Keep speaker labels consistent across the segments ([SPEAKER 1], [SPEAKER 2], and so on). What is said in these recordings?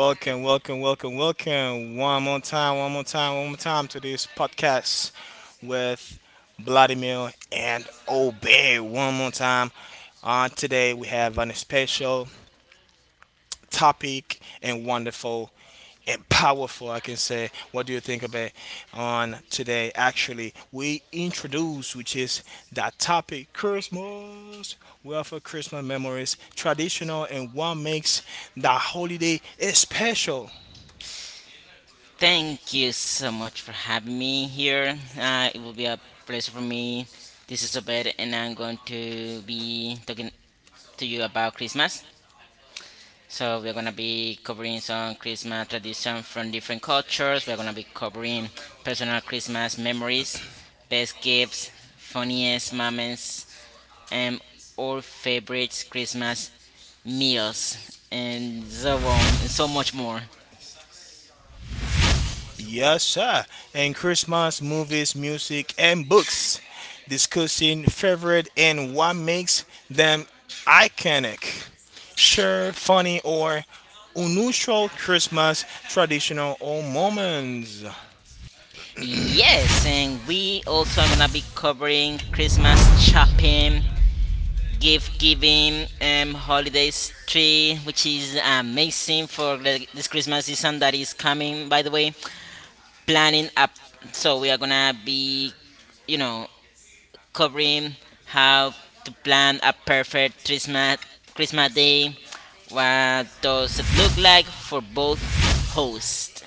[SPEAKER 1] Welcome, welcome, welcome, welcome. One more time, one more time, one more time to this podcast with Vladimir and Obey. One more time. Today we have an special topic and wonderful and powerful, I can say. What do you think about on today? Actually, we introduce, which is that topic, Christmas. We offer Christmas memories, traditional, and what makes the holiday special.
[SPEAKER 2] Thank you so much for having me here. It will be a pleasure for me. This is Obed, and I'm going to be talking to you about Christmas. So we're gonna be covering some Christmas tradition from different cultures. We're gonna be covering personal Christmas memories, best gifts, funniest moments, and all favorite Christmas meals, and so on, and so much more.
[SPEAKER 1] Yes, sir. And Christmas movies, music, and books, discussing favorite and what makes them iconic. Share funny or unusual Christmas traditional or moments.
[SPEAKER 2] Yes, and we also are gonna be covering Christmas shopping, gift giving, holidays tree, which is amazing for this Christmas season that is coming. By the way, planning up. So we are gonna be, you know, covering how to plan a perfect Christmas day. What does it look like for both hosts?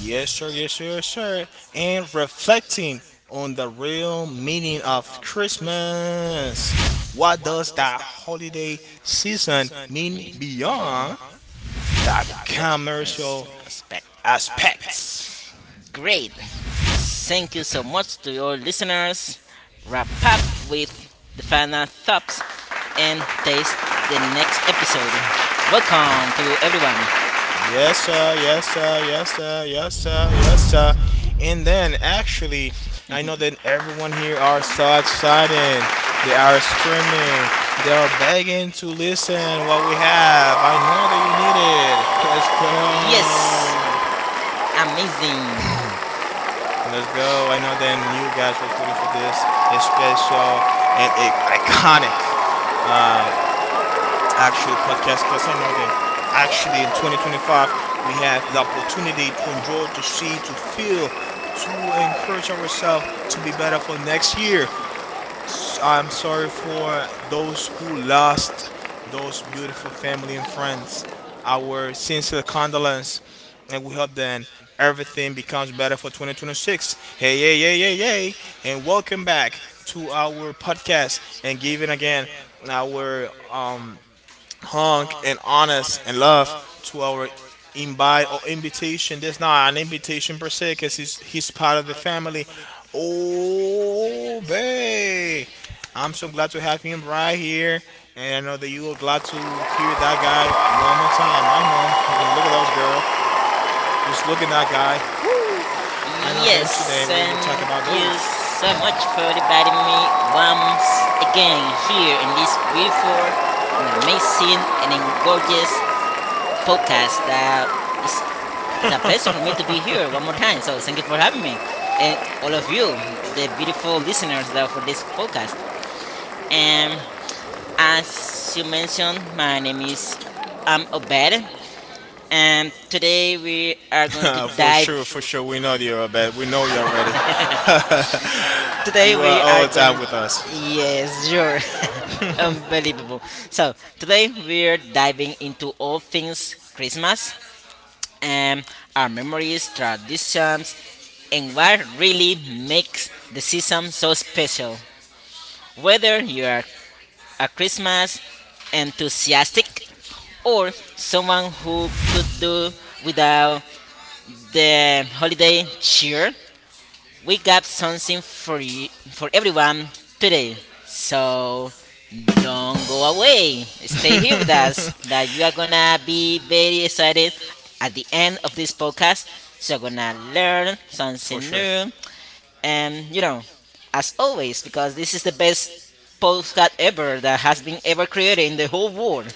[SPEAKER 1] Yes, sir. Yes, sir. Yes, sir. And reflecting on the real meaning of Christmas. What does that holiday season mean beyond the
[SPEAKER 2] There you go. There's
[SPEAKER 1] commercial
[SPEAKER 2] some respect.
[SPEAKER 1] aspects?
[SPEAKER 2] Great. Thank you so much to your listeners. Wrap up with the final thoughts and taste the next episode. Welcome to everyone.
[SPEAKER 1] Yes, sir. Yes, sir. Yes, sir. Yes, sir. Yes, sir. And then, actually, I know that everyone here are so excited. They are screaming. They are begging to listen what we have. I know that you need it. Let's
[SPEAKER 2] Yes,
[SPEAKER 1] go.
[SPEAKER 2] amazing.
[SPEAKER 1] Let's go. I know then you guys was waiting for this. It's special and iconic uh, actually podcast because I know that actually in 2025 we have the opportunity to enjoy, to see, to feel, to encourage ourselves to be better for next year. I'm sorry for those who lost those beautiful family and friends. Our sincere condolence, and we hope that everything becomes better for 2026. Hey, hey, hey, hey, hey, and welcome back to our podcast and giving again our hung and honest and love to our invite or invitation. That's not an invitation per se, because he's part of the family. Oh, babe. I'm so glad to have him right here. And I know that you are glad to hear that guy one more time. I know. Look at those, girl. Just look at that guy. Woo! I know then
[SPEAKER 2] Yes,
[SPEAKER 1] today we will
[SPEAKER 2] thank
[SPEAKER 1] talk about
[SPEAKER 2] you
[SPEAKER 1] those.
[SPEAKER 2] so much for inviting me once again here in this beautiful and amazing and gorgeous podcast that is it's a pleasure for me to be here one more time. So thank you for having me, and all of you, the beautiful listeners that are for this podcast. And as you mentioned, my name is Obed, and today we are going to
[SPEAKER 1] For
[SPEAKER 2] dive.
[SPEAKER 1] sure. We know you are bad. We know you're ready.
[SPEAKER 2] Know you
[SPEAKER 1] Today we
[SPEAKER 2] Today
[SPEAKER 1] all
[SPEAKER 2] we are
[SPEAKER 1] are the are
[SPEAKER 2] going.
[SPEAKER 1] time with us.
[SPEAKER 2] Yes, sure.
[SPEAKER 1] Don't go.
[SPEAKER 2] Unbelievable. So today we're diving into all things Christmas, um, our memories, traditions, and what really makes the season so special. Whether you are a Christmas enthusiastic or someone who could do without the holiday cheer, we got something for you, for everyone today. So don't go away. Stay here with us. That you are gonna be very excited at the end of this podcast. So you're gonna learn something new, and you know, as always, because this is the best podcast ever that has been ever created in the whole world.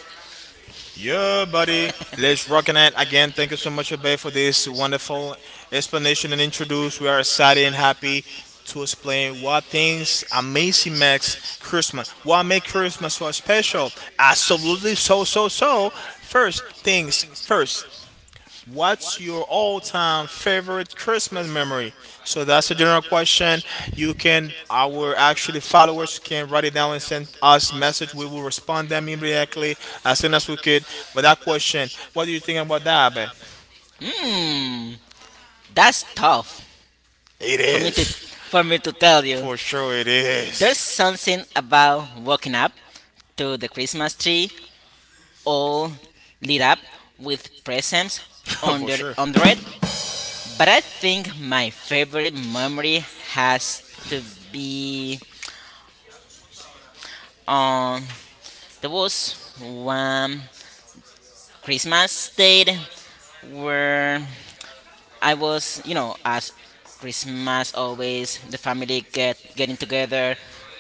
[SPEAKER 1] Yeah, buddy. Let's rockin' it again. Thank you so much, Abe, for this wonderful explanation and introduce. We are excited and happy to explain what things amazing makes Christmas. What makes Christmas so special? Absolutely, so so so. First things first. What's your all time favorite Christmas memory? So that's a general question. You can, our actually followers can write it down and send us message. We will respond them immediately as soon as we could. But that question, what do you think about that, Abe?
[SPEAKER 2] Hmm, that's tough
[SPEAKER 1] It
[SPEAKER 2] for me to
[SPEAKER 1] is.
[SPEAKER 2] for me to tell you.
[SPEAKER 1] For sure it
[SPEAKER 2] There's
[SPEAKER 1] is.
[SPEAKER 2] something about walking up to the Christmas tree all lit up with presents
[SPEAKER 1] For
[SPEAKER 2] under
[SPEAKER 1] sure.
[SPEAKER 2] under it. But I think my favorite memory has to be on There was one Christmas day where I was, you know, as Christmas always the family getting together,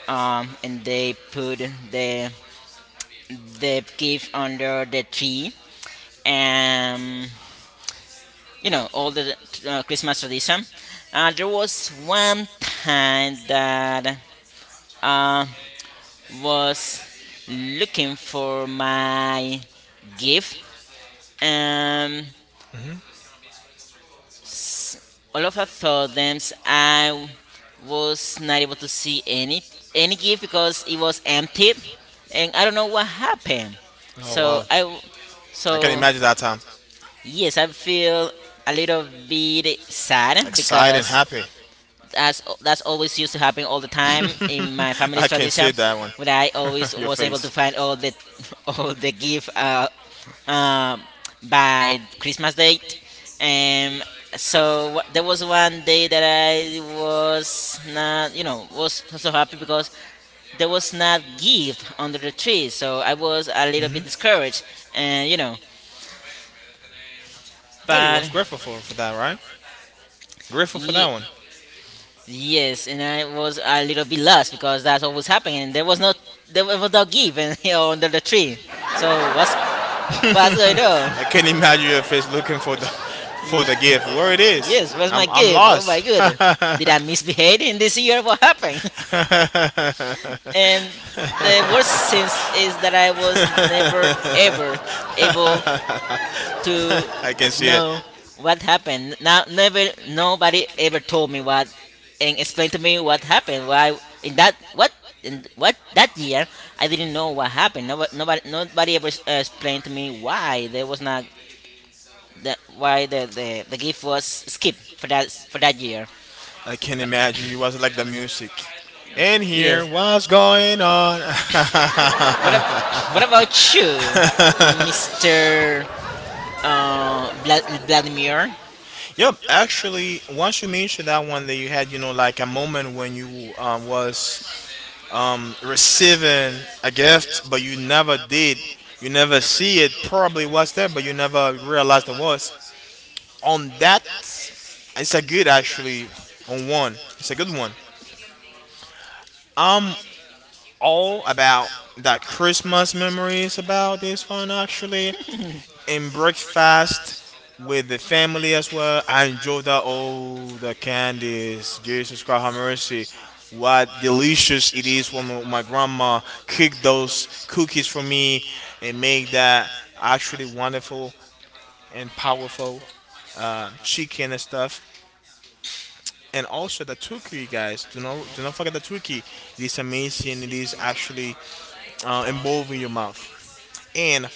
[SPEAKER 2] and they put the the gift under the tree, um, you know, all the Christmas tradition. There was one time that uh, was looking for my gift. Um, all of a sudden, I was not able to see any gift because it was empty, and I don't know what happened. So I, w-
[SPEAKER 1] I can
[SPEAKER 2] so.
[SPEAKER 1] imagine that time.
[SPEAKER 2] Yes, I feel a little bit sad
[SPEAKER 1] Excited and
[SPEAKER 2] because
[SPEAKER 1] happy.
[SPEAKER 2] that's always used to happen all the time in my
[SPEAKER 1] I
[SPEAKER 2] family's
[SPEAKER 1] can see
[SPEAKER 2] tradition.
[SPEAKER 1] that one.
[SPEAKER 2] Where I always
[SPEAKER 1] Your
[SPEAKER 2] was able to
[SPEAKER 1] face.
[SPEAKER 2] find all the all the gift um, by Christmas date, and so there was one day that I was not, you know, was not so happy because there was not gift under the tree, so I was a little bit discouraged, and you know,
[SPEAKER 1] Yeah, you
[SPEAKER 2] but
[SPEAKER 1] was grateful for that, right? Grateful for that
[SPEAKER 2] Ye-
[SPEAKER 1] one.
[SPEAKER 2] yes, and I was a little bit lost because that's what was happening. There was no gift and, you know, under the tree. So what's going
[SPEAKER 1] I
[SPEAKER 2] on?
[SPEAKER 1] can imagine your face looking for the gift. Where it
[SPEAKER 2] Ye-
[SPEAKER 1] is?
[SPEAKER 2] yes, where's my
[SPEAKER 1] I'm
[SPEAKER 2] gift? Oh my
[SPEAKER 1] lost.
[SPEAKER 2] god, did I misbehave in this year? What happened?
[SPEAKER 1] And what
[SPEAKER 2] And the worst sense is that I was never ever able
[SPEAKER 1] to
[SPEAKER 2] to
[SPEAKER 1] I can see it.
[SPEAKER 2] know what happened. Now, never, nobody ever told me what and explained to me what happened. Why in that what in what that year I didn't know what happened. Nobody ever explained to me why there was not that why the gift was skipped for that year.
[SPEAKER 1] I can imagine you was like the music. And here,
[SPEAKER 2] Yes.
[SPEAKER 1] what's going on?
[SPEAKER 2] What ab- what about you,
[SPEAKER 1] What about you?
[SPEAKER 2] Mister Vladimir?
[SPEAKER 1] Yep, actually, once you mentioned that one that you had, you know, like a moment when you was receiving a gift, but you never did, you never see it, probably was there, but you never realized it was. On that, it's a good actually. On one, it's a good one. All about that Christmas memories about this one actually. In breakfast with the family as well. I enjoyed that. Oh, the candies. Jesus Christ, have mercy. What delicious it is when my grandma cooked those cookies for me and made that actually wonderful and powerful chicken and stuff. And also the turkey, guys. Do not forget the turkey. It is amazing. It is actually involving your mouth and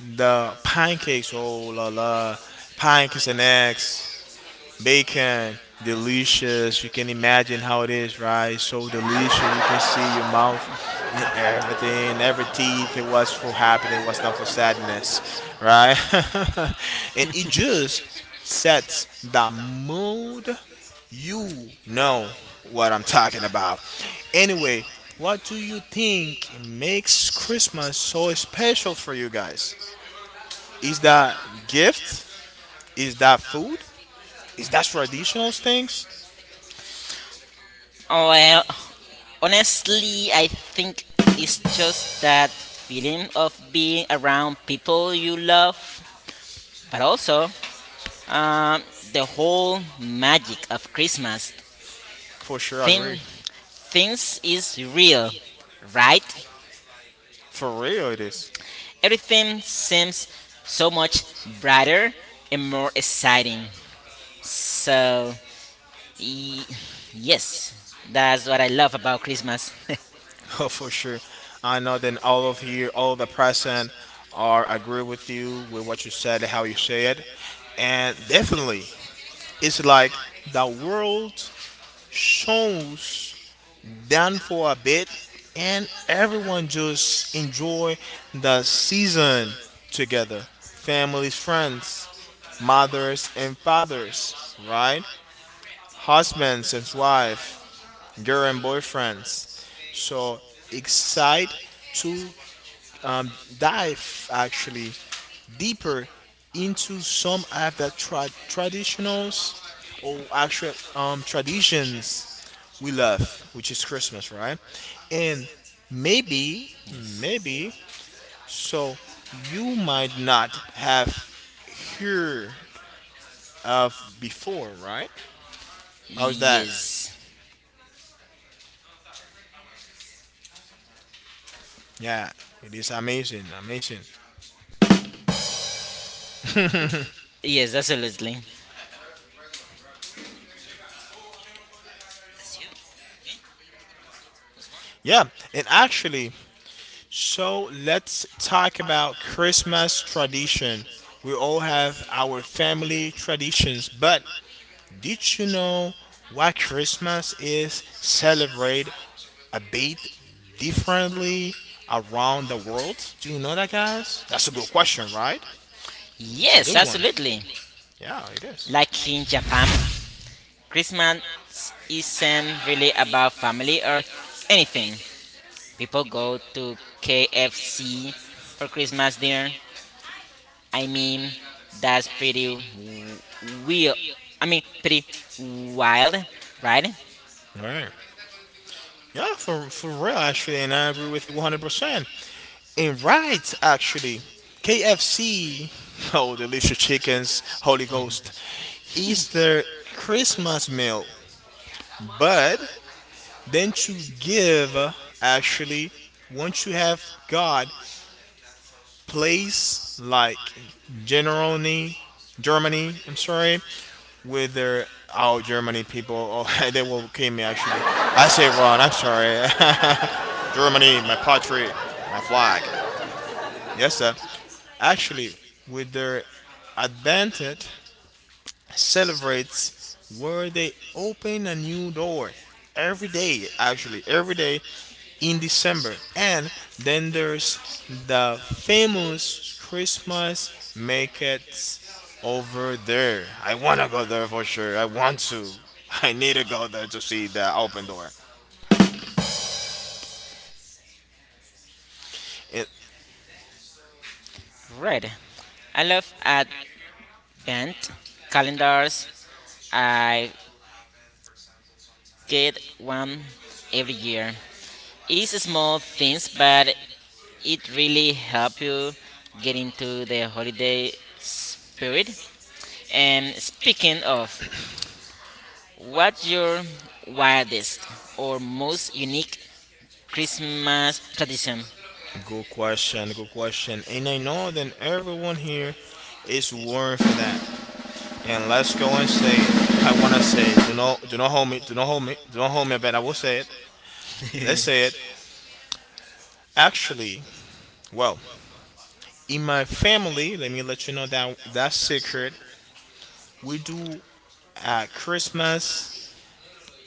[SPEAKER 1] the pancakes. Oh la la, pancakes and eggs. Bacon, delicious. You can imagine how it is, right? So delicious. You can see your mouth and everything, every teeth. It was for happiness, it was not for sadness, right? And it just sets the mood. You know what I'm talking about. Anyway, what do you think makes Christmas so special for you guys? Is that gift? Is that food? Is that traditional things?
[SPEAKER 2] Oh well. Honestly, I think it's just that feeling of being around people you love, but also um, the whole magic of Christmas.
[SPEAKER 1] For sure, I
[SPEAKER 2] Thing,
[SPEAKER 1] agree.
[SPEAKER 2] things is real, right?
[SPEAKER 1] For real, it is.
[SPEAKER 2] Everything seems so much brighter and more exciting. So, y- yes, that's what I love about Christmas.
[SPEAKER 1] Oh, for sure. I know then all of you, all the person are agree with you with what you said, how you said. And definitely, it's like the world shows down for a bit and everyone just enjoy the season together. Families, friends, mothers and fathers, right? Husbands and wives, girl and boyfriends. So excited to um, dive actually deeper into some of the traditionals or actual traditions we love, which is Christmas, right? And maybe,
[SPEAKER 2] Yes.
[SPEAKER 1] maybe, so you might not have heard of before, right? How's that?
[SPEAKER 2] Yes.
[SPEAKER 1] Yeah, it is amazing, amazing.
[SPEAKER 2] Yes, absolutely.
[SPEAKER 1] Yeah, and actually, so let's talk about Christmas tradition. We all have our family traditions, but did you know why Christmas is celebrated a bit differently around the world? Do you know that, guys? That's a good question, right? It's a
[SPEAKER 2] Yes,
[SPEAKER 1] good one.
[SPEAKER 2] absolutely.
[SPEAKER 1] Yeah, it is.
[SPEAKER 2] Like in Japan, Christmas isn't really about family or anything. People go to KFC for Christmas dinner. I mean, that's pretty weird. I mean, pretty wild, right?
[SPEAKER 1] Right. Yeah, for real, actually, and I agree with you 100%. And right, actually, KFC, oh, delicious chickens, Holy Ghost, is their Christmas meal. But then to give, actually, once you have God, place like Germany, Germany, I'm sorry, with their oh Germany people, oh they will kill me actually. I say Ron, I'm sorry. Germany, my pottery, my flag. Yes, sir. Actually, with their advantage, celebrates where they open a new door every day, actually, every day in December. And then there's the famous Christmas markets over there. I want to go there for sure. I want to. I need to go there to see the open door. It,
[SPEAKER 2] Right. I love advent calendars. I get one every year. It's small things, but it really help you get into the holiday spirit. And speaking of, what's your wildest or most unique Christmas tradition?
[SPEAKER 1] good question, good question. And I know that everyone here is worried for that. And let's go and say it. I wanna say it. Do not, do not hold me, do not hold me, do not hold me, but I will say it. Let's say it. Actually, well, in my family, let me let you know that that secret we do at Christmas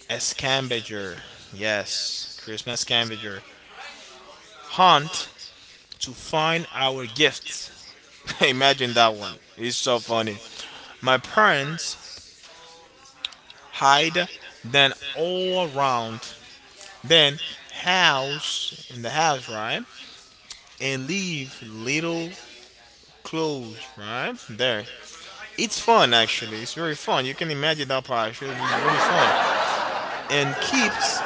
[SPEAKER 1] a scavenger. Yes, Christmas scavenger hunt to find our gifts. Imagine that one. It's so funny. My parents hide then all around then house in the house, right? And leave little clothes right there. It's fun actually. It's very fun. You can imagine that part. Actually, it's very fun and keeps,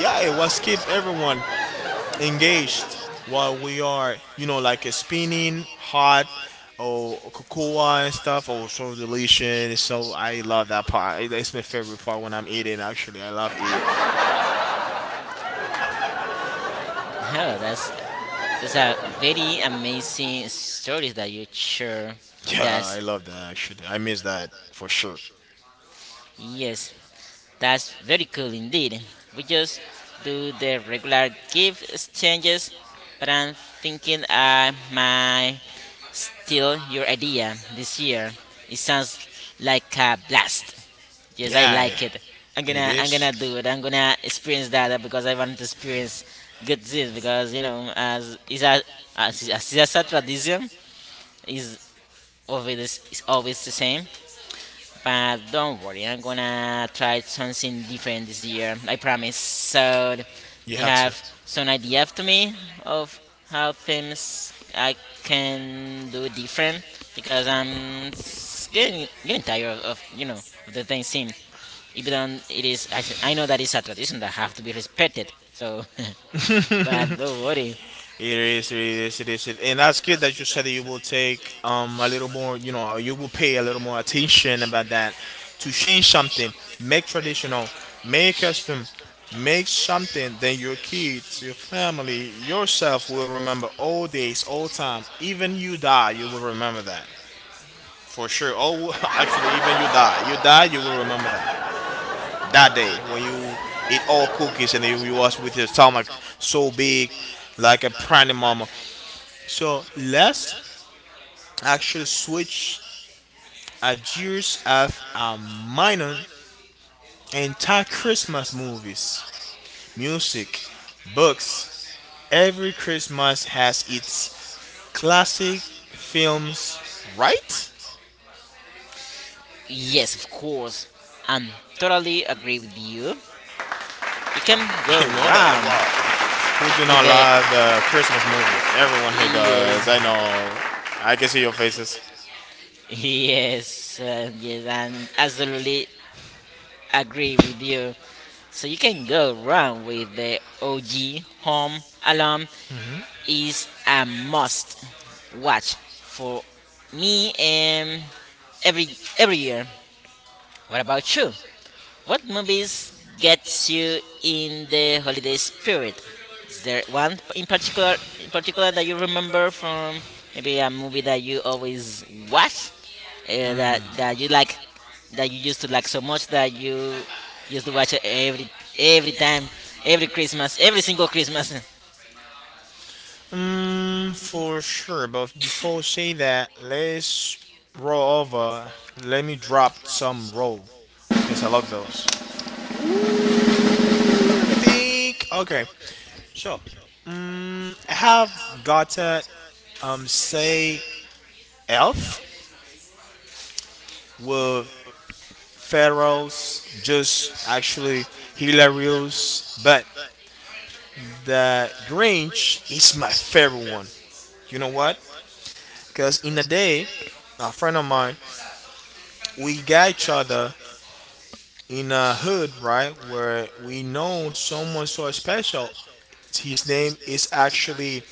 [SPEAKER 1] yeah, it was keep everyone engaged while we are, you know, like a spinning hot or cocoa and stuff. Oh, so delicious. So I love that part. It's my favorite part when I'm eating. Actually, I love it.
[SPEAKER 2] Oh, that's a very amazing stories that you share with
[SPEAKER 1] Yeah, I
[SPEAKER 2] us.
[SPEAKER 1] love that actually. I miss that for sure.
[SPEAKER 2] Yes. That's very cool indeed. We just do the regular gift exchanges, but I'm thinking I might steal your idea this year. It sounds like a blast. Yes, I
[SPEAKER 1] Yeah,
[SPEAKER 2] like it.
[SPEAKER 1] it
[SPEAKER 2] I'm
[SPEAKER 1] is.
[SPEAKER 2] gonna do it. I'm gonna experience that because I want to experience good things because you know as is a tradition is always the same. But don't worry, I'm gonna try something different this year. I promise. So, do
[SPEAKER 1] You
[SPEAKER 2] you
[SPEAKER 1] have to.
[SPEAKER 2] have some idea to me of how things I can do different? Because I'm s- getting getting tired of, you know of the thing same. Even though it is, I know that it's a tradition that have to be respected. So, but don't worry.
[SPEAKER 1] It is. And that's good that you said that you will take a little more, you know, you will pay a little more attention about that to change something, make traditional, make custom, make something. Then your kids, your family, yourself will remember all days, all time. Even you die, you will remember that for sure. Oh, actually, even you die, you die, you will remember that that day when you eat all cookies and you was with your stomach so big like a praying mama. So let's actually switch our gears off our minor entire Christmas movies, music, books. Every Christmas has its classic films, right?
[SPEAKER 2] Yes, of course. I'm totally agree with you. You can go
[SPEAKER 1] I know that. Wow.
[SPEAKER 2] wrong
[SPEAKER 1] Who do
[SPEAKER 2] with
[SPEAKER 1] not
[SPEAKER 2] the
[SPEAKER 1] love the Christmas movies? Everyone here does. I
[SPEAKER 2] yes.
[SPEAKER 1] know. I can see your faces.
[SPEAKER 2] Yes, yes, and absolutely agree with you. So you can go wrong with the OG Home Alone is a must watch for me every every year. What about you? What movies gets you in the holiday spirit? Is there one in particular that you remember from maybe a movie that you always watch that you like that you used to like so much that you used to watch it every time every Christmas every single Christmas.
[SPEAKER 1] Mm, for sure, but before say that, let's roll over. Let me drop some roll because I love those. Ooh, let me think. Okay, so mm, I have gotten say elf with Pharaohs, just actually hilarious, but the Grinch is my favorite one. You know what? Because in a day, a friend of mine we got each other in a hood, right? Where we know someone so special. His name is actually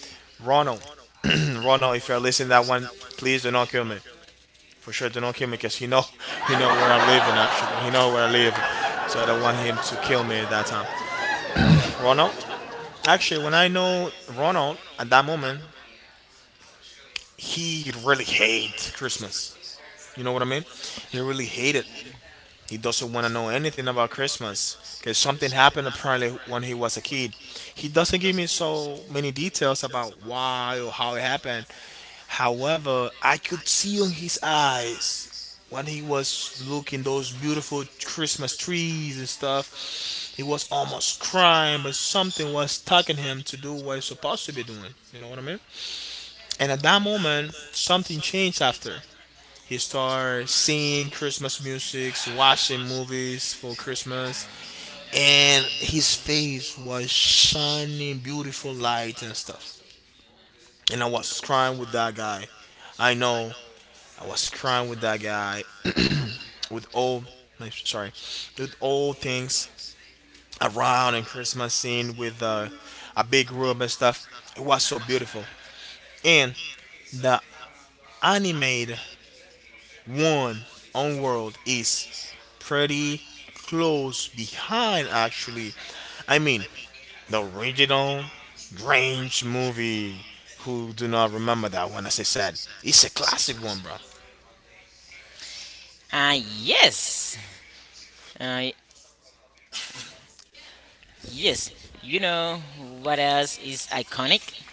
[SPEAKER 1] Ronald. Ronald, if you're listening to that one, please do not kill me. For sure, do not kill me because you know, you know where I'm living actually. You know where I live. So I don't want him to kill me at that time. Ronald, actually, when I know Ronald at that moment, he really hates Christmas. You know what I mean? He really hated. He doesn't want to know anything about Christmas because something happened apparently when he was a kid. He doesn't give me so many details about why or how it happened. However, I could see on his eyes when he was looking those beautiful Christmas trees and stuff. He was almost crying, but something was tugging him to do what he's supposed to be doing. You know what I mean? And at that moment, something changed after. He started singing Christmas music, watching movies for Christmas, and his face was shining beautiful light and stuff. And I was crying with that guy. I know I was crying with that guy with all sorry, with all things around and Christmas scene with a big room and stuff. It was so beautiful. And the animated one on world is pretty close behind actually. I mean the original Grange movie. Who do not remember that one? As I said, it's a classic one, bro.
[SPEAKER 2] Uh, yes. Uh, yes. You know what else is iconic?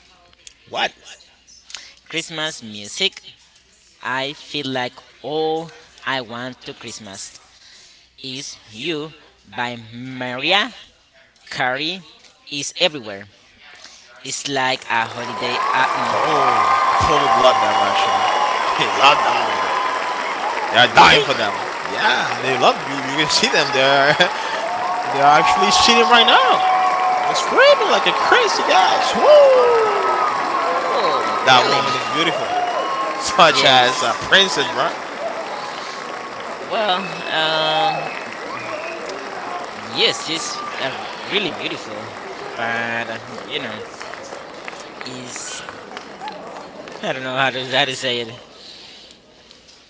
[SPEAKER 1] What?
[SPEAKER 2] Christmas music. I feel like all I want to Christmas is you by Maria Carey is everywhere. It's like a holiday
[SPEAKER 1] Oh,
[SPEAKER 2] album.
[SPEAKER 1] the public love that one actually. They love that woman. They're dying
[SPEAKER 2] Really?
[SPEAKER 1] for that one. Yeah, they love you. You can see them. They're they're actually cheating right now. They're screaming like a crazy guys. Woo!
[SPEAKER 2] Oh,
[SPEAKER 1] That woman is
[SPEAKER 2] really?
[SPEAKER 1] beautiful, such as
[SPEAKER 2] Yes.
[SPEAKER 1] Princess, bruh.
[SPEAKER 2] Well, um, yes, it's really beautiful, but you know, it's I don't know how to say it.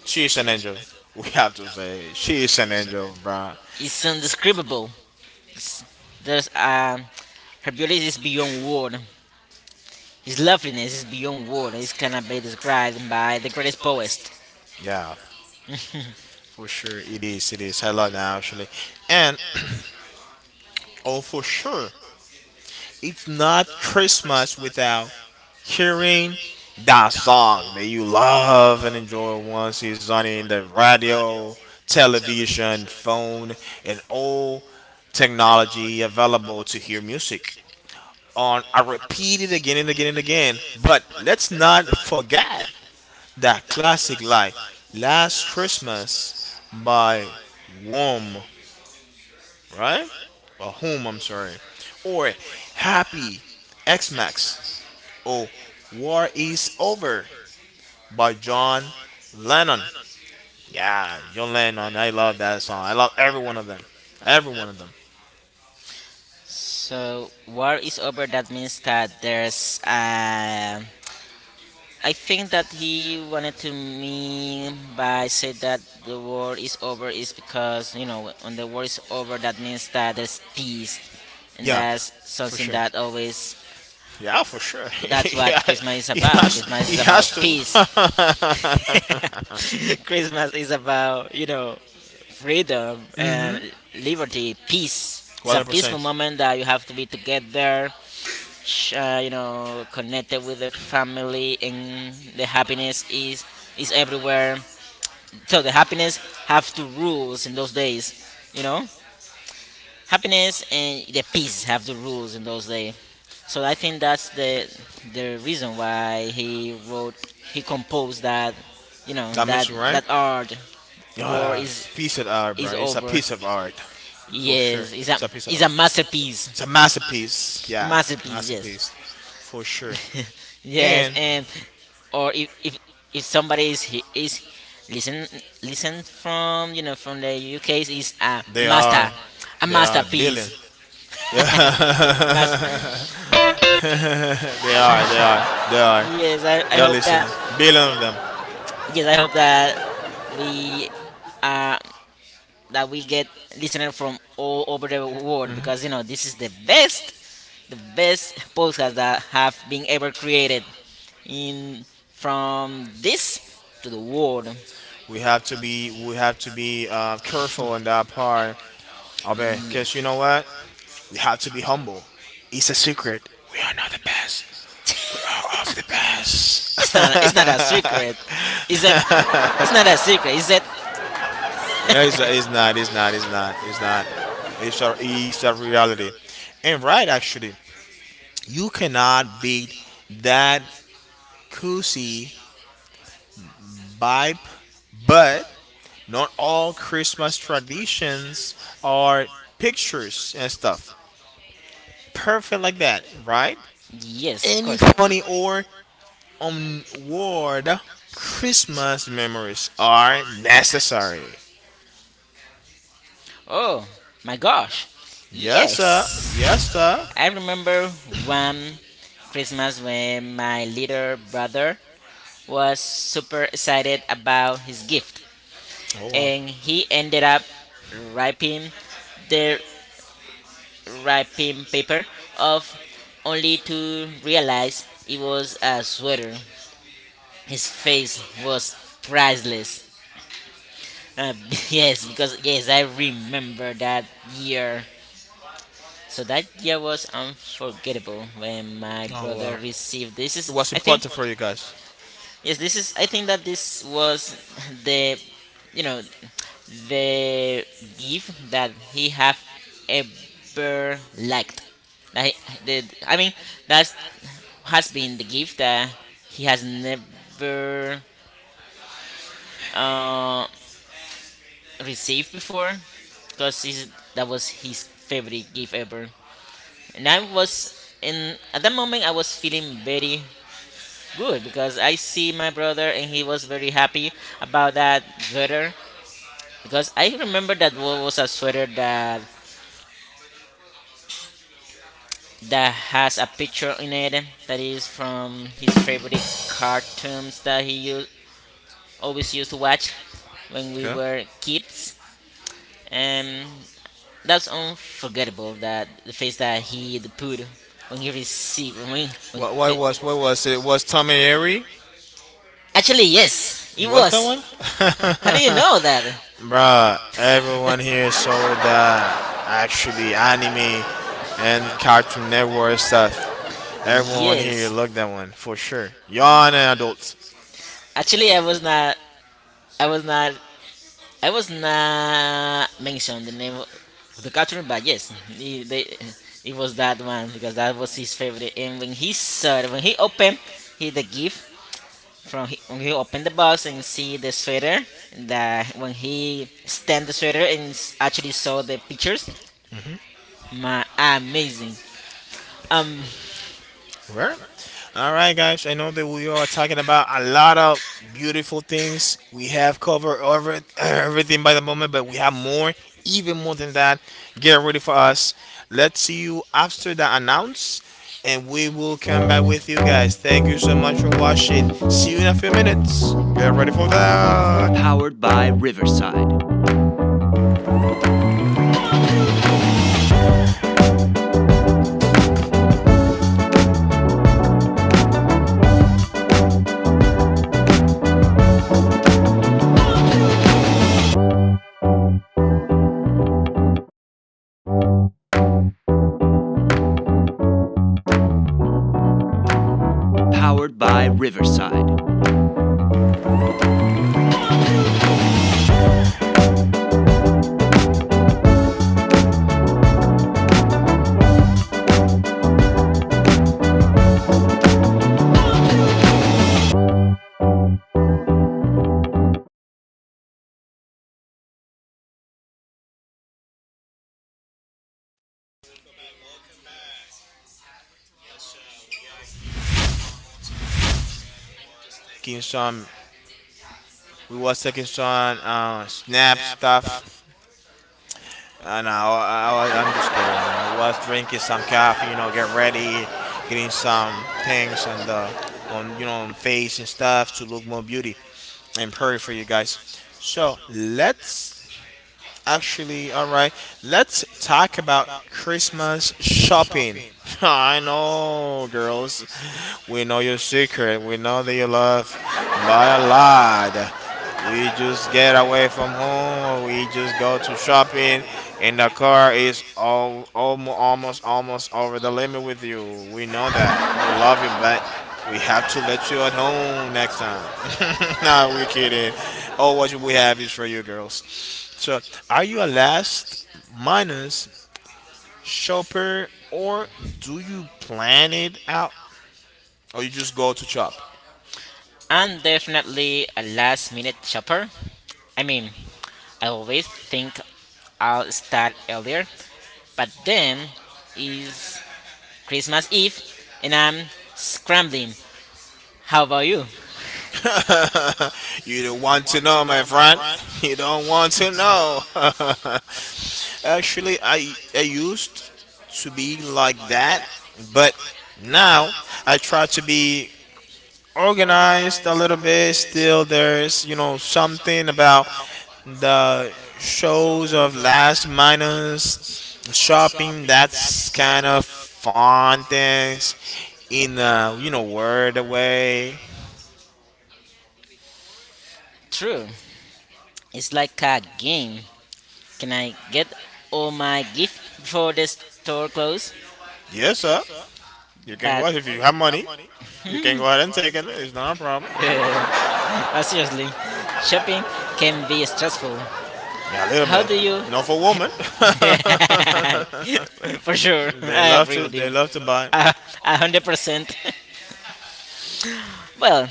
[SPEAKER 1] She is an angel. We have to say, she is an angel, bruh.
[SPEAKER 2] It's indescribable. There's Her beauty is beyond word. His loveliness is beyond word. It cannot be described by the greatest poet.
[SPEAKER 1] Yeah, for sure, it is. It is. I love that actually, and oh, for sure, it's not Christmas without hearing that song that you love and enjoy once it's on in the radio, television, phone, and all technology available to hear music. On I repeat it again and again and again, but let's not forget that classic like Last Christmas by Whom, right? Or Whom, I'm sorry. Or Happy X Max or War Is Over by John Lennon. Yeah, John Lennon. I love that song. I love every one of them. Every one of them.
[SPEAKER 2] So war is over. That means that there's. I think that he wanted to mean by say that the war is over is because you know when the war is over that means that there's peace, and
[SPEAKER 1] Yeah,
[SPEAKER 2] that's
[SPEAKER 1] for
[SPEAKER 2] something
[SPEAKER 1] sure.
[SPEAKER 2] that always
[SPEAKER 1] Yeah, for sure.
[SPEAKER 2] that's what
[SPEAKER 1] yeah,
[SPEAKER 2] Christmas is
[SPEAKER 1] he
[SPEAKER 2] about.
[SPEAKER 1] has. He
[SPEAKER 2] Christmas is about
[SPEAKER 1] has
[SPEAKER 2] peace.
[SPEAKER 1] to.
[SPEAKER 2] Christmas is about, you know, freedom
[SPEAKER 1] Mhm.
[SPEAKER 2] and liberty, peace. It's
[SPEAKER 1] One
[SPEAKER 2] a
[SPEAKER 1] hundred percent.
[SPEAKER 2] peaceful
[SPEAKER 1] I
[SPEAKER 2] moment that you have to be together, you know, connected with the family, and the happiness is everywhere. So the happiness have to rules in those days, you know happiness and the peace have the rules in those days. So I think that's the reason why he wrote, he composed
[SPEAKER 1] that,
[SPEAKER 2] that, you know,
[SPEAKER 1] that mentioned, right?
[SPEAKER 2] that art. War
[SPEAKER 1] Yeah,
[SPEAKER 2] is
[SPEAKER 1] it's a piece of art, bro.
[SPEAKER 2] is
[SPEAKER 1] It's a
[SPEAKER 2] over.
[SPEAKER 1] piece of art for sure.
[SPEAKER 2] Yes,
[SPEAKER 1] It's a piece of
[SPEAKER 2] it's
[SPEAKER 1] art.
[SPEAKER 2] a
[SPEAKER 1] A It's a
[SPEAKER 2] masterpiece.
[SPEAKER 1] masterpiece.
[SPEAKER 2] A
[SPEAKER 1] Yeah,
[SPEAKER 2] masterpiece.
[SPEAKER 1] masterpiece
[SPEAKER 2] Yes,
[SPEAKER 1] for sure.
[SPEAKER 2] yes,
[SPEAKER 1] And
[SPEAKER 2] and or if somebody is listen listen from you know from the UK is a
[SPEAKER 1] they are,
[SPEAKER 2] master, a
[SPEAKER 1] they are billion.
[SPEAKER 2] masterpiece.
[SPEAKER 1] Yeah.
[SPEAKER 2] Mas-
[SPEAKER 1] they are, they are, they are,
[SPEAKER 2] yes, I
[SPEAKER 1] they are
[SPEAKER 2] hope
[SPEAKER 1] listening.
[SPEAKER 2] that
[SPEAKER 1] Billion of them.
[SPEAKER 2] yes, I hope we uh, that we get listeners from all over the world because you know this is the best podcast that have been ever created in from this to the world.
[SPEAKER 1] We have to be careful on that part. Abe, because you know
[SPEAKER 2] Yes,
[SPEAKER 1] what? We have to be humble. It's a secret. We are not the best. We are of the best.
[SPEAKER 2] it's not a secret, is it? It's not a secret, is it?
[SPEAKER 1] It's not. It's a reality. And right, actually, you cannot beat that Kusi vibe, but not all Christmas traditions are pictures and stuff. Perfect like that, right?
[SPEAKER 2] Yes, of
[SPEAKER 1] Any
[SPEAKER 2] course.
[SPEAKER 1] funny or onward Christmas memories are necessary.
[SPEAKER 2] Oh my gosh,
[SPEAKER 1] Yes, sir.
[SPEAKER 2] yes,
[SPEAKER 1] Yes, sir.
[SPEAKER 2] I remember one Christmas when my little brother was super excited about his gift,
[SPEAKER 1] Oh, wow.
[SPEAKER 2] and he ended up ripping the wrapping paper off only to realize it was a sweater. His face was priceless. Uh, yes, because yes, I remember that year. So that year was unforgettable when my
[SPEAKER 1] Oh,
[SPEAKER 2] brother
[SPEAKER 1] wow.
[SPEAKER 2] received this.
[SPEAKER 1] It
[SPEAKER 2] Is
[SPEAKER 1] was
[SPEAKER 2] I think
[SPEAKER 1] important for you guys.
[SPEAKER 2] Yes, this is. I think that this was the, you know, the gift that he have ever liked. I he, the, I mean, that's has been the gift that he has never uh, received before, because that was his favorite gift ever. And I was in at that moment I was feeling very good because I see my brother and he was very happy about that sweater because I remember that was a sweater that has a picture in it that is from his favorite cartoons that always used to watch when we
[SPEAKER 1] Okay.
[SPEAKER 2] were kids. And that's unforgettable, that the face that he put when he received, when, we- when he,
[SPEAKER 1] What was it? Was Tom and Harry?
[SPEAKER 2] actually
[SPEAKER 1] Actually,
[SPEAKER 2] yes
[SPEAKER 1] yes,
[SPEAKER 2] it
[SPEAKER 1] it was. How do you
[SPEAKER 2] was.
[SPEAKER 1] know
[SPEAKER 2] How do you know that?
[SPEAKER 1] that? Bruh, everyone here saw that actually anime and Cartoon Network stuff. Everyone here
[SPEAKER 2] Yes,
[SPEAKER 1] looked that one for sure. Y'all are adults.
[SPEAKER 2] actually i was not I was not mentioned the name of the cartoon, but yes, it was that one because that was his favorite. And when he saw it, when he opened, he the gift from he, when he opened the box and see the sweater. That when he stand the sweater and actually saw the pictures, my amazing. Um,
[SPEAKER 1] Right. All right, guys. I know that we are talking about a lot of beautiful things. We have covered over everything by the moment, but we have more, even more than that. Get ready for us. Let's see you after the announce, and we will come back with you guys. Thank you so much for watching. See you in a few minutes. Get ready for that. Taking some. We was taking some snap stuff. No, I'm just kidding. I was drinking some coffee, you know, get ready, getting some things on the on you know on face and stuff to look more beauty and pretty for you guys. So let's actually, all right. Let's talk about Christmas shopping. I know, girls. We know your secret. We know that you love buy a lot. We just get away from home. We just go to shopping, and the car is all, almost over the limit with you. We know that. We love you, but we have to let you at home next time. Nah, we're kidding. All what we have is for you, girls. So, are you a last minus shopper or do you plan it out or you just go to shop?
[SPEAKER 2] I'm definitely a last minute shopper. I mean, I always think I'll start earlier, but then is Christmas Eve, and I'm scrambling. How about you?
[SPEAKER 1] You don't want to know, my friend. You don't want to know. Actually, I used to be like that, but now I try to be organized a little bit. Still, there's you know something about the shows of last minus shopping. That's kind of fun things in a you know word way.
[SPEAKER 2] True. It's like a game. Can I get all my gift before the store closes?
[SPEAKER 1] Yes, sir. You can go
[SPEAKER 2] But
[SPEAKER 1] ahead if you have money. You can go ahead and take it. It's not a problem.
[SPEAKER 2] Eh, but seriously, shopping can be stressful.
[SPEAKER 1] Yeah, a little
[SPEAKER 2] How
[SPEAKER 1] bit.
[SPEAKER 2] do you?
[SPEAKER 1] Not for women.
[SPEAKER 2] For sure,
[SPEAKER 1] They
[SPEAKER 2] I
[SPEAKER 1] love
[SPEAKER 2] agree
[SPEAKER 1] to.
[SPEAKER 2] with
[SPEAKER 1] They
[SPEAKER 2] you.
[SPEAKER 1] love to buy.
[SPEAKER 2] A a hundred percent. Well,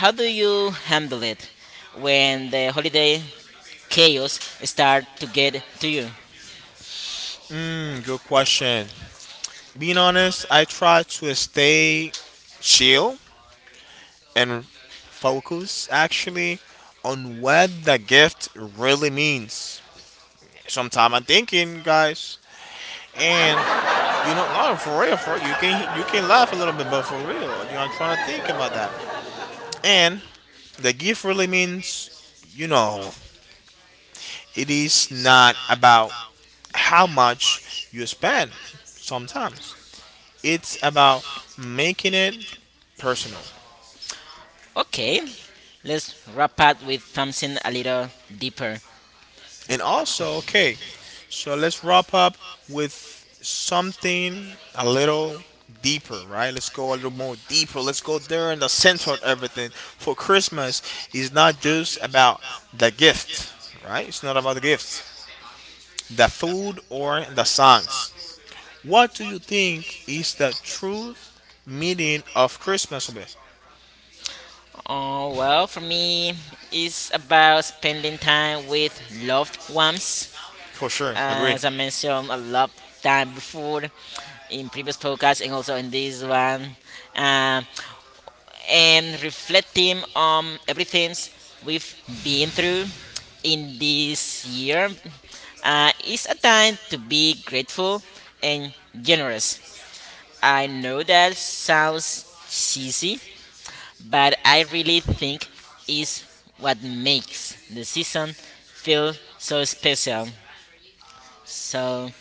[SPEAKER 2] how do you handle it when the holiday chaos start to get to you?
[SPEAKER 1] Mm, good question. Being honest, I try to stay chill and focus actually on what the gift really means. Sometime I'm thinking, guys, and you know, not for real, for real, you can laugh a little bit, but for real, you know, I'm trying to think about that. And the gift really means, you know, it is not about how much you spend. Sometimes it's about making it personal.
[SPEAKER 2] Okay, let's wrap up with something a little deeper.
[SPEAKER 1] And also, okay, so let's wrap up with something a little deeper, right? Let's go a little more deeper. Let's go there in the center of everything. For Christmas is not just about the gift, right? It's not about the gifts, the food or the songs. What do you think is the true meaning of Christmas, Obe?
[SPEAKER 2] Oh, well, for me, it's about spending time with loved ones.
[SPEAKER 1] For sure, agree.
[SPEAKER 2] As I mentioned a lot time before in previous podcasts and also in this one. Uh, and reflecting on everything we've been through in this year, is a time to be grateful and generous. I know that sounds cheesy, but I really think is what makes the season feel so special. So,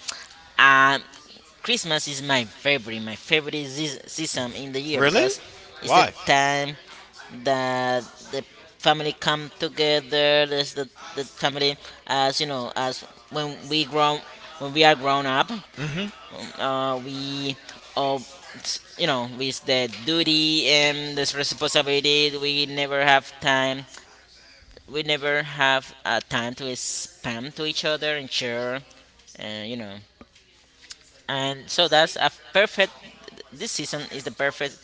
[SPEAKER 2] uh, Christmas is my favorite season in the year,
[SPEAKER 1] Really?
[SPEAKER 2] because it's the
[SPEAKER 1] Why?
[SPEAKER 2] time that the family come together. There's the family, as you know, as when we grow, when we are grown up,
[SPEAKER 1] Hmm.
[SPEAKER 2] uh, we ob- you know, with the duty and this responsibility, we never have time, we never have time to spam to each other and share, you know, and so that's a perfect, this season is the perfect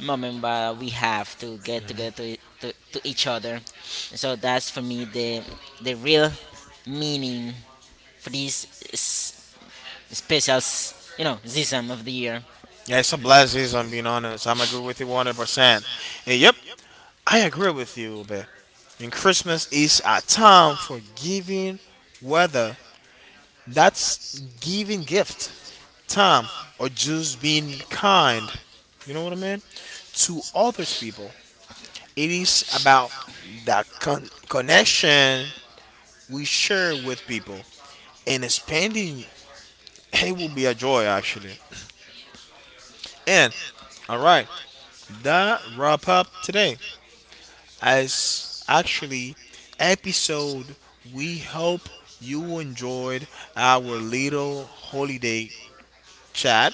[SPEAKER 2] moment where we have to get together to each other. So that's for me the real meaning for this s- special you know, season of the year.
[SPEAKER 1] Yeah, it's a blast season, being honest. I'm agree with you 100%. And yep, I agree with you, but and Christmas is a time for giving whether that's giving gift, time, or just being kind. You know what I mean? To others people. It is about the connection we share with people, and expanding it will be a joy actually. And all right, that wrap up today. As actually episode, we hope you enjoyed our little holiday chat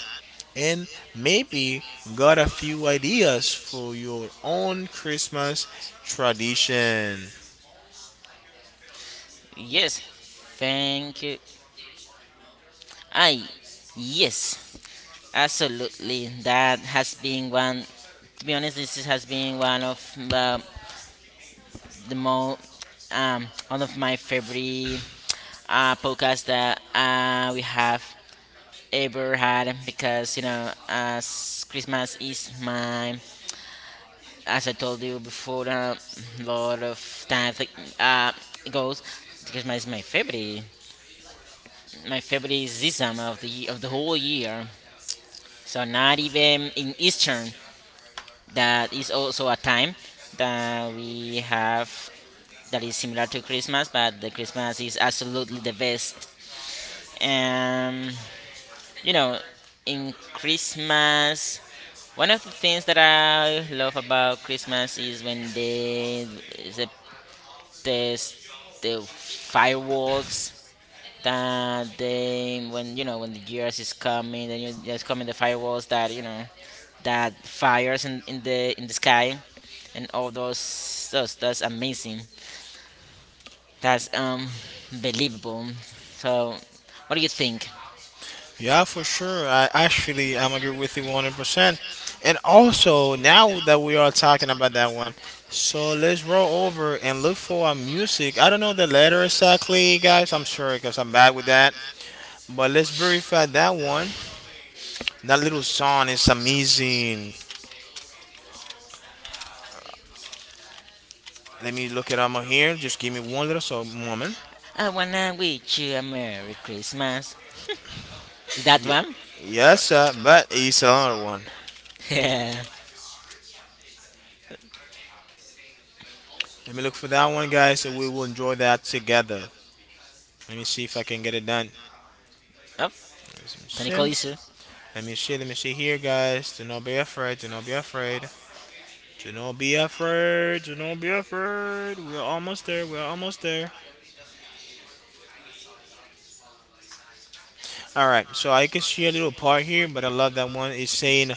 [SPEAKER 1] and maybe got a few ideas for your own Christmas tradition.
[SPEAKER 2] Yes, thank you. I, yes, absolutely. That has been one. To be honest, this has been one of the most, one of my favorite podcast that we have ever had, because you know, as Christmas is my, as I told you before a lot of times, like, uh it goes, Christmas is my favorite, my favorite season of the whole year. So not even in Eastern, that is also a time that we have, that is similar to Christmas, but the Christmas is absolutely the best. Um, you know, in Christmas, one of the things that I love about Christmas is when they the, the, the fireworks that they, when you know, when the years is coming, then you just coming the firewalls that you know, that fires in the sky, and all those, that's amazing, that's believable. So what do you think?
[SPEAKER 1] Yeah, for sure. I actually I'm agree with you 100%. And also, now that we are talking about that one, so let's roll over and look for our music. I don't know the letter exactly, guys. I'm sorry because I'm bad with that. But let's verify that one. That little song is amazing. Let me look it up on here. Just give me one little so moment.
[SPEAKER 2] I wanna wish you a Merry Christmas, is that
[SPEAKER 1] Ye-
[SPEAKER 2] one?
[SPEAKER 1] Yes, sir, but it's another one.
[SPEAKER 2] Yeah.
[SPEAKER 1] Let me look for that one, guys, and we will enjoy that together. Let me see if I can get it done.
[SPEAKER 2] Oh, Tony
[SPEAKER 1] Sim.
[SPEAKER 2] Kolisu.
[SPEAKER 1] Let me see. Let me see here, guys. Do not be afraid. Do not be afraid. We're almost there. We're almost there. All right. So I can see a little part here, but I love that one. It's saying,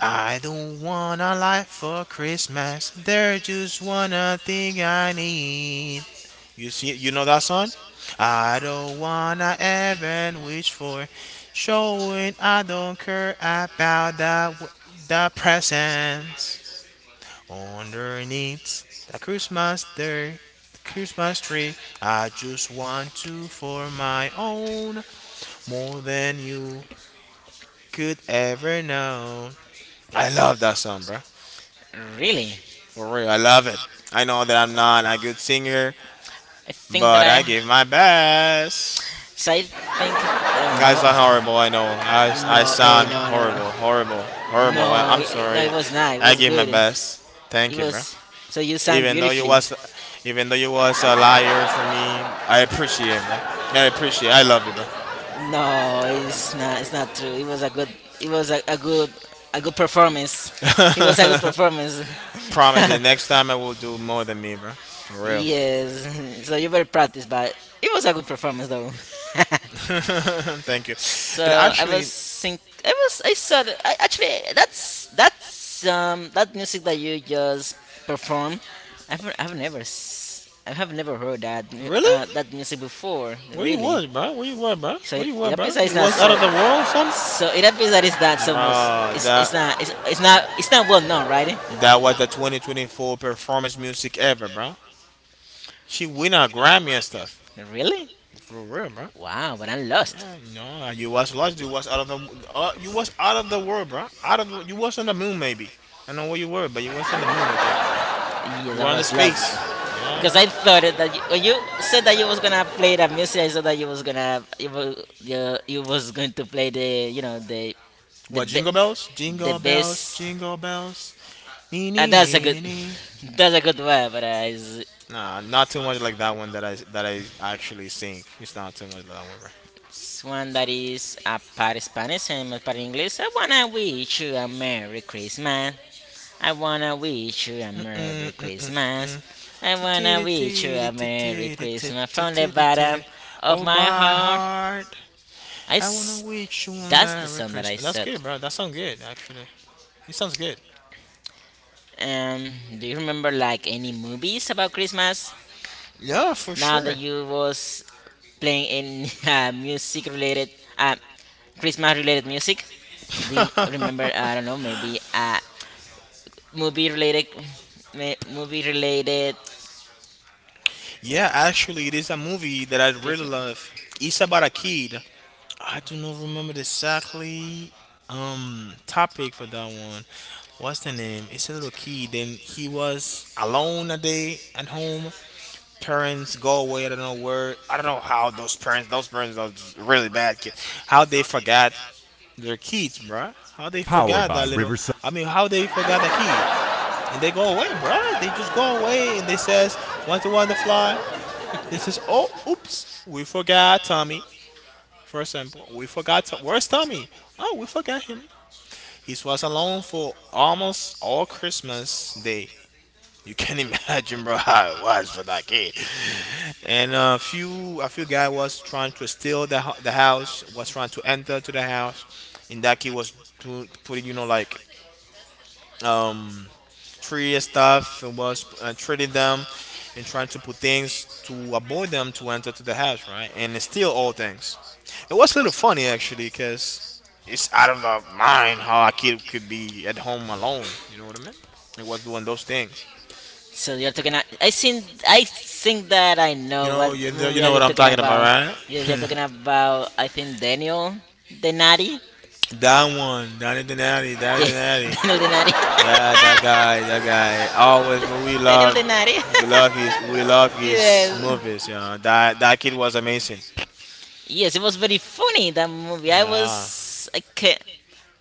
[SPEAKER 1] "I don't want a life for Christmas. There's just one thing I need." You see, you know that song. I don't wanna even wish for, showing I don't care about the presents. Underneath the Christmas tree, I just want you for my own more than you could ever know. I love that song, bro.
[SPEAKER 2] Really?
[SPEAKER 1] For real, I love it. I know that I'm not a good singer,
[SPEAKER 2] I think that
[SPEAKER 1] but
[SPEAKER 2] I
[SPEAKER 1] I give my best.
[SPEAKER 2] so I think,
[SPEAKER 1] I sound
[SPEAKER 2] no.
[SPEAKER 1] horrible. I know. I
[SPEAKER 2] no hey
[SPEAKER 1] sound
[SPEAKER 2] No, no, no,
[SPEAKER 1] horrible.
[SPEAKER 2] no
[SPEAKER 1] I'm
[SPEAKER 2] it, no
[SPEAKER 1] sorry.
[SPEAKER 2] it was not, it
[SPEAKER 1] I
[SPEAKER 2] was
[SPEAKER 1] give my
[SPEAKER 2] good. It
[SPEAKER 1] best. Thank you, bro.
[SPEAKER 2] was, so you sang
[SPEAKER 1] even though you
[SPEAKER 2] beautifully.
[SPEAKER 1] was Even though you was a liar for me, I appreciate it, bro. I love you, bro.
[SPEAKER 2] No, it's not. It's not true. It was a good. It was a good. A good performance. It was a good performance.
[SPEAKER 1] Promise that next time I will do more than me, bro, for real.
[SPEAKER 2] Yes. So you very practiced, but it was a good performance though.
[SPEAKER 1] Thank you. And
[SPEAKER 2] So I
[SPEAKER 1] actually
[SPEAKER 2] was think I was I saw that, actually, that's that music that you just performed. I have never heard that
[SPEAKER 1] really,
[SPEAKER 2] that music before,
[SPEAKER 1] where you
[SPEAKER 2] really.
[SPEAKER 1] was, bro?
[SPEAKER 2] So
[SPEAKER 1] Where
[SPEAKER 2] it,
[SPEAKER 1] you
[SPEAKER 2] it
[SPEAKER 1] were, bro?
[SPEAKER 2] appears that it's
[SPEAKER 1] You
[SPEAKER 2] not
[SPEAKER 1] was out
[SPEAKER 2] so
[SPEAKER 1] of the world or something?
[SPEAKER 2] So it appears that it's not so much.
[SPEAKER 1] Bro, that
[SPEAKER 2] It's, not well known, right?
[SPEAKER 1] that was the 2024 performance music ever, bro. She win a Grammy and stuff.
[SPEAKER 2] Really?
[SPEAKER 1] For real, bro.
[SPEAKER 2] Wow, but I'm lost.
[SPEAKER 1] Yeah, no, like, you was lost. You was out of the. You was out of the world, bro. Out of the, you was on the moon, maybe. I don't know where you were, but you was on the moon. I think
[SPEAKER 2] Yes,
[SPEAKER 1] you were
[SPEAKER 2] I
[SPEAKER 1] on the
[SPEAKER 2] was lost,
[SPEAKER 1] space. Yeah,
[SPEAKER 2] because I thought it
[SPEAKER 1] bro.
[SPEAKER 2] that you, when you said that you was gonna play that music, I thought that you was gonna, you was going to play the, you know, the
[SPEAKER 1] What
[SPEAKER 2] be,
[SPEAKER 1] jingle bells?
[SPEAKER 2] the best.
[SPEAKER 1] Jingle bells. Nee nee
[SPEAKER 2] That's a
[SPEAKER 1] nee
[SPEAKER 2] good
[SPEAKER 1] nee nee.
[SPEAKER 2] that's a good word, but
[SPEAKER 1] Nah, not too much like that one that I actually sing. It's not too much like that one, bro.
[SPEAKER 2] it's one that is a part Spanish and a part English. I wanna wish you a Merry Christmas. I wanna wish you a
[SPEAKER 1] Mm, mm,
[SPEAKER 2] Merry
[SPEAKER 1] mm,
[SPEAKER 2] Christmas.
[SPEAKER 1] mm.
[SPEAKER 2] I wanna wish you a Merry Christmas from the
[SPEAKER 1] Titty-titty-titty-titty-titty-titty-titty.
[SPEAKER 2] bottom of
[SPEAKER 1] Oh
[SPEAKER 2] my
[SPEAKER 1] my
[SPEAKER 2] heart.
[SPEAKER 1] heart,
[SPEAKER 2] I
[SPEAKER 1] I wanna
[SPEAKER 2] s-
[SPEAKER 1] wish you a
[SPEAKER 2] that's the
[SPEAKER 1] Merry
[SPEAKER 2] song that I
[SPEAKER 1] Christmas. That's
[SPEAKER 2] said.
[SPEAKER 1] good, bro. That sounds good, actually. It sounds good.
[SPEAKER 2] Do you remember like any movies about Christmas?
[SPEAKER 1] Yeah, for
[SPEAKER 2] Now that
[SPEAKER 1] sure.
[SPEAKER 2] you was playing any music related, uh, Christmas related music. Do you remember? I don't know. Maybe a movie related, movie related
[SPEAKER 1] Yeah, actually, it is a movie that I really
[SPEAKER 2] Christmas.
[SPEAKER 1] love. It's about a kid. I do not remember the exactly topic for that one. What's the name? It's a little kid. Then he was alone a day at home. Parents go away. I don't know where. I don't know how those parents. Those parents are really bad kids. How they forgot their kids, bruh. How they forgot that little. I mean, how they forgot the kid. And they go away, bruh. They just go away and they says once they want to fly. They says, oh, oops, we forgot Tommy. For example, we forgot to, where's Tommy? Oh, we forgot him. He was alone for almost all Christmas Day. You can imagine, bro, how it was for that kid. And a few guy was trying to steal the the house, was trying to enter to the house, and that kid was to putting, like um trade stuff and was trading them and trying to put things to avoid them to enter to the house, right? And steal all things. It was a little funny actually, because it's out of our mind how a kid could be at home alone. You know what I mean? It was doing those things.
[SPEAKER 2] So you're talking. I think. I think that I
[SPEAKER 1] You
[SPEAKER 2] know what
[SPEAKER 1] know, you,
[SPEAKER 2] movie are
[SPEAKER 1] know
[SPEAKER 2] you
[SPEAKER 1] what I'm
[SPEAKER 2] talking
[SPEAKER 1] talking about,
[SPEAKER 2] about. Yes, you're
[SPEAKER 1] right?
[SPEAKER 2] talking about. I think Daniel Denari.
[SPEAKER 1] That one, Donnie Donati, Donnie Donati.
[SPEAKER 2] De-
[SPEAKER 1] The natty.
[SPEAKER 2] Daniel Denari.
[SPEAKER 1] Yeah, that guy. Always, what we
[SPEAKER 2] Daniel
[SPEAKER 1] love,
[SPEAKER 2] Denari.
[SPEAKER 1] we love his
[SPEAKER 2] Yes.
[SPEAKER 1] movies. Yeah, that kid was amazing.
[SPEAKER 2] Yes, it was very funny that movie. I
[SPEAKER 1] Yeah,
[SPEAKER 2] was. I can't,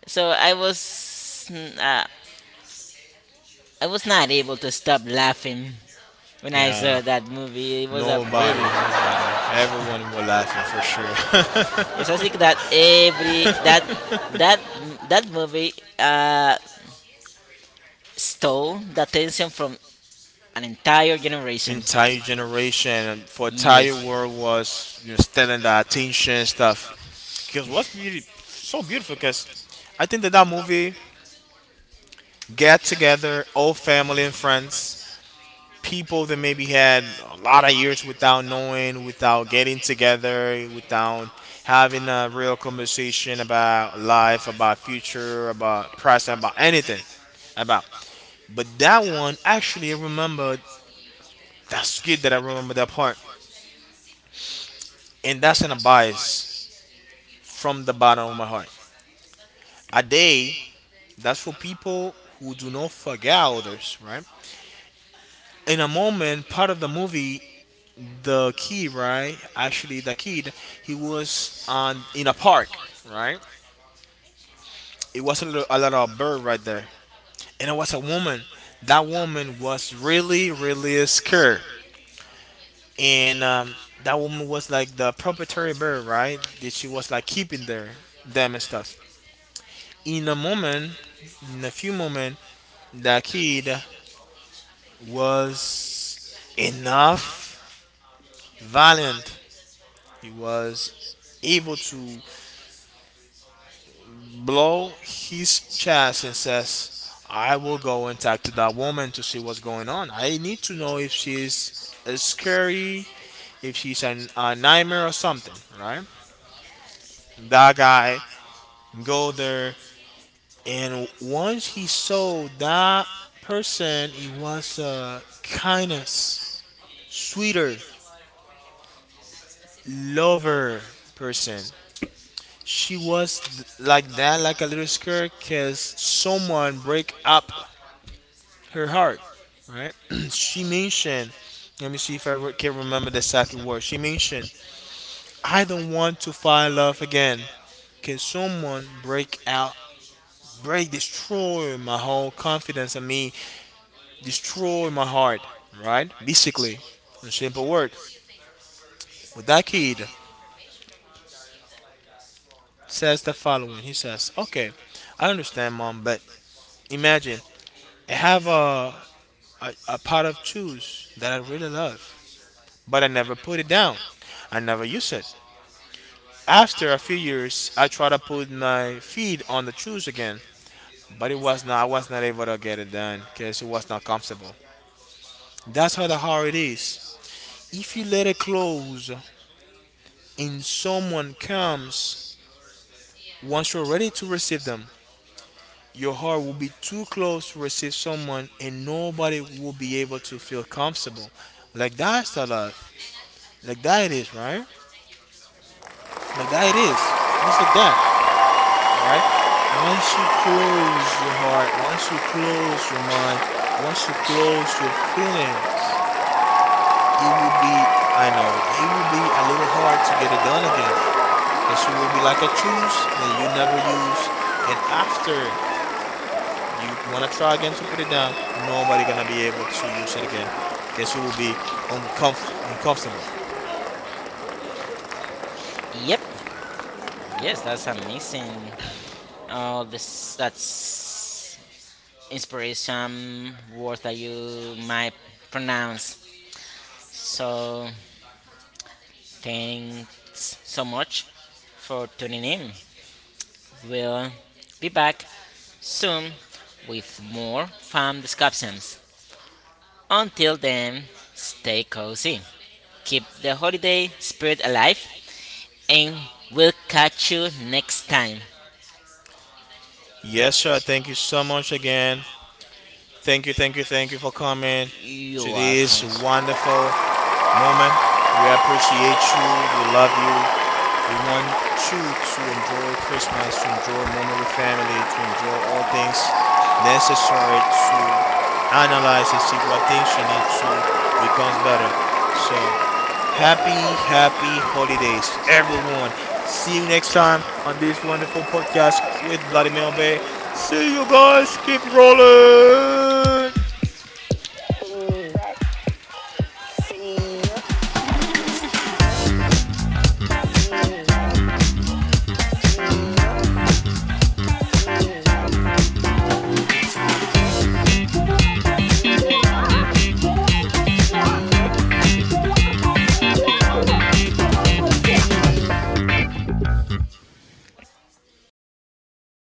[SPEAKER 2] so I was. I was not able to stop laughing when I
[SPEAKER 1] yeah.
[SPEAKER 2] saw that movie. It was a
[SPEAKER 1] Nobody,
[SPEAKER 2] very.
[SPEAKER 1] nobody. Everyone will laugh you for sure.
[SPEAKER 2] Yes, I think that every that that that movie stole the attention from an entire generation.
[SPEAKER 1] Entire generation and for
[SPEAKER 2] Yes.
[SPEAKER 1] entire world was stealing the attention stuff because what's beauty so beautiful, because I think that movie get together old family and friends, people that maybe had a lot of years without knowing, without getting together, without having a real conversation about life, about future, about present, about anything, about, but that one actually I remember. That's good that I remember that part, and that's an advice from the bottom of my heart. A day that's for people who do not forget others, right? In a moment, part of the movie, the kid, right? Actually, the kid, he was on in a park, right? It was a little, a lot of bird right there, and it was a woman. That woman was really, really scared, and that woman was like the proprietary bird, right? That she was like keeping there, them and stuff. In a moment, in a few moment, the kid was enough valiant. He was able to blow his chest and says, I will go and talk to that woman to see what's going on. I need to know if she's a scary, if she's a nightmare or something, right? That guy go there, and once he saw that person, it was kindness, sweeter, lover person. She was like that, like a little skirt, cause someone break up her heart, right? She mentioned, let me see if I can remember the exact word. She mentioned, I don't want to find love again. Can someone break out, break, destroy my whole confidence in me, destroy my heart, right? Basically, a simple word. But that kid says the following. He says, okay, I understand, mom, but imagine I have a pot of juice that I really love, but I never put it down. I never use it. After a few years, I tried to put my feet on the juice again, but it was not. I was not able to get it done because it was not comfortable. That's how the hard it is. If you let it close and someone comes, once you're ready to receive them, your heart will be too close to receive someone, and nobody will be able to feel comfortable. Like that's the love. Like that it is, right? Like that it is. It's like that, right? Once you close your heart, once you close your mind, once you close your feelings, it will be, I know it will be a little hard to get it done again because it will be like a juice that you never use, and after you wanna try again to put it down, nobody gonna be able to use it again because it will be uncomfortable.
[SPEAKER 2] Yep. Yes, that's amazing. Oh, this that's inspiration words that you might pronounce. So thanks so much for tuning in. We'll be back soon with more fun discussions. Until then, stay cozy. Keep the holiday spirit alive, and we'll catch you next time.
[SPEAKER 1] Yes, sir. Thank you so much again. Thank you for coming to
[SPEAKER 2] You're
[SPEAKER 1] this
[SPEAKER 2] welcome.
[SPEAKER 1] wonderful moment. We appreciate you. We love you. We want you to enjoy Christmas, to enjoy a moment with family, to enjoy all things necessary to analyze and see what things you need to become better. So happy holidays, everyone. See you next time on this wonderful podcast with Vladimir Bay. See you guys. Keep rolling.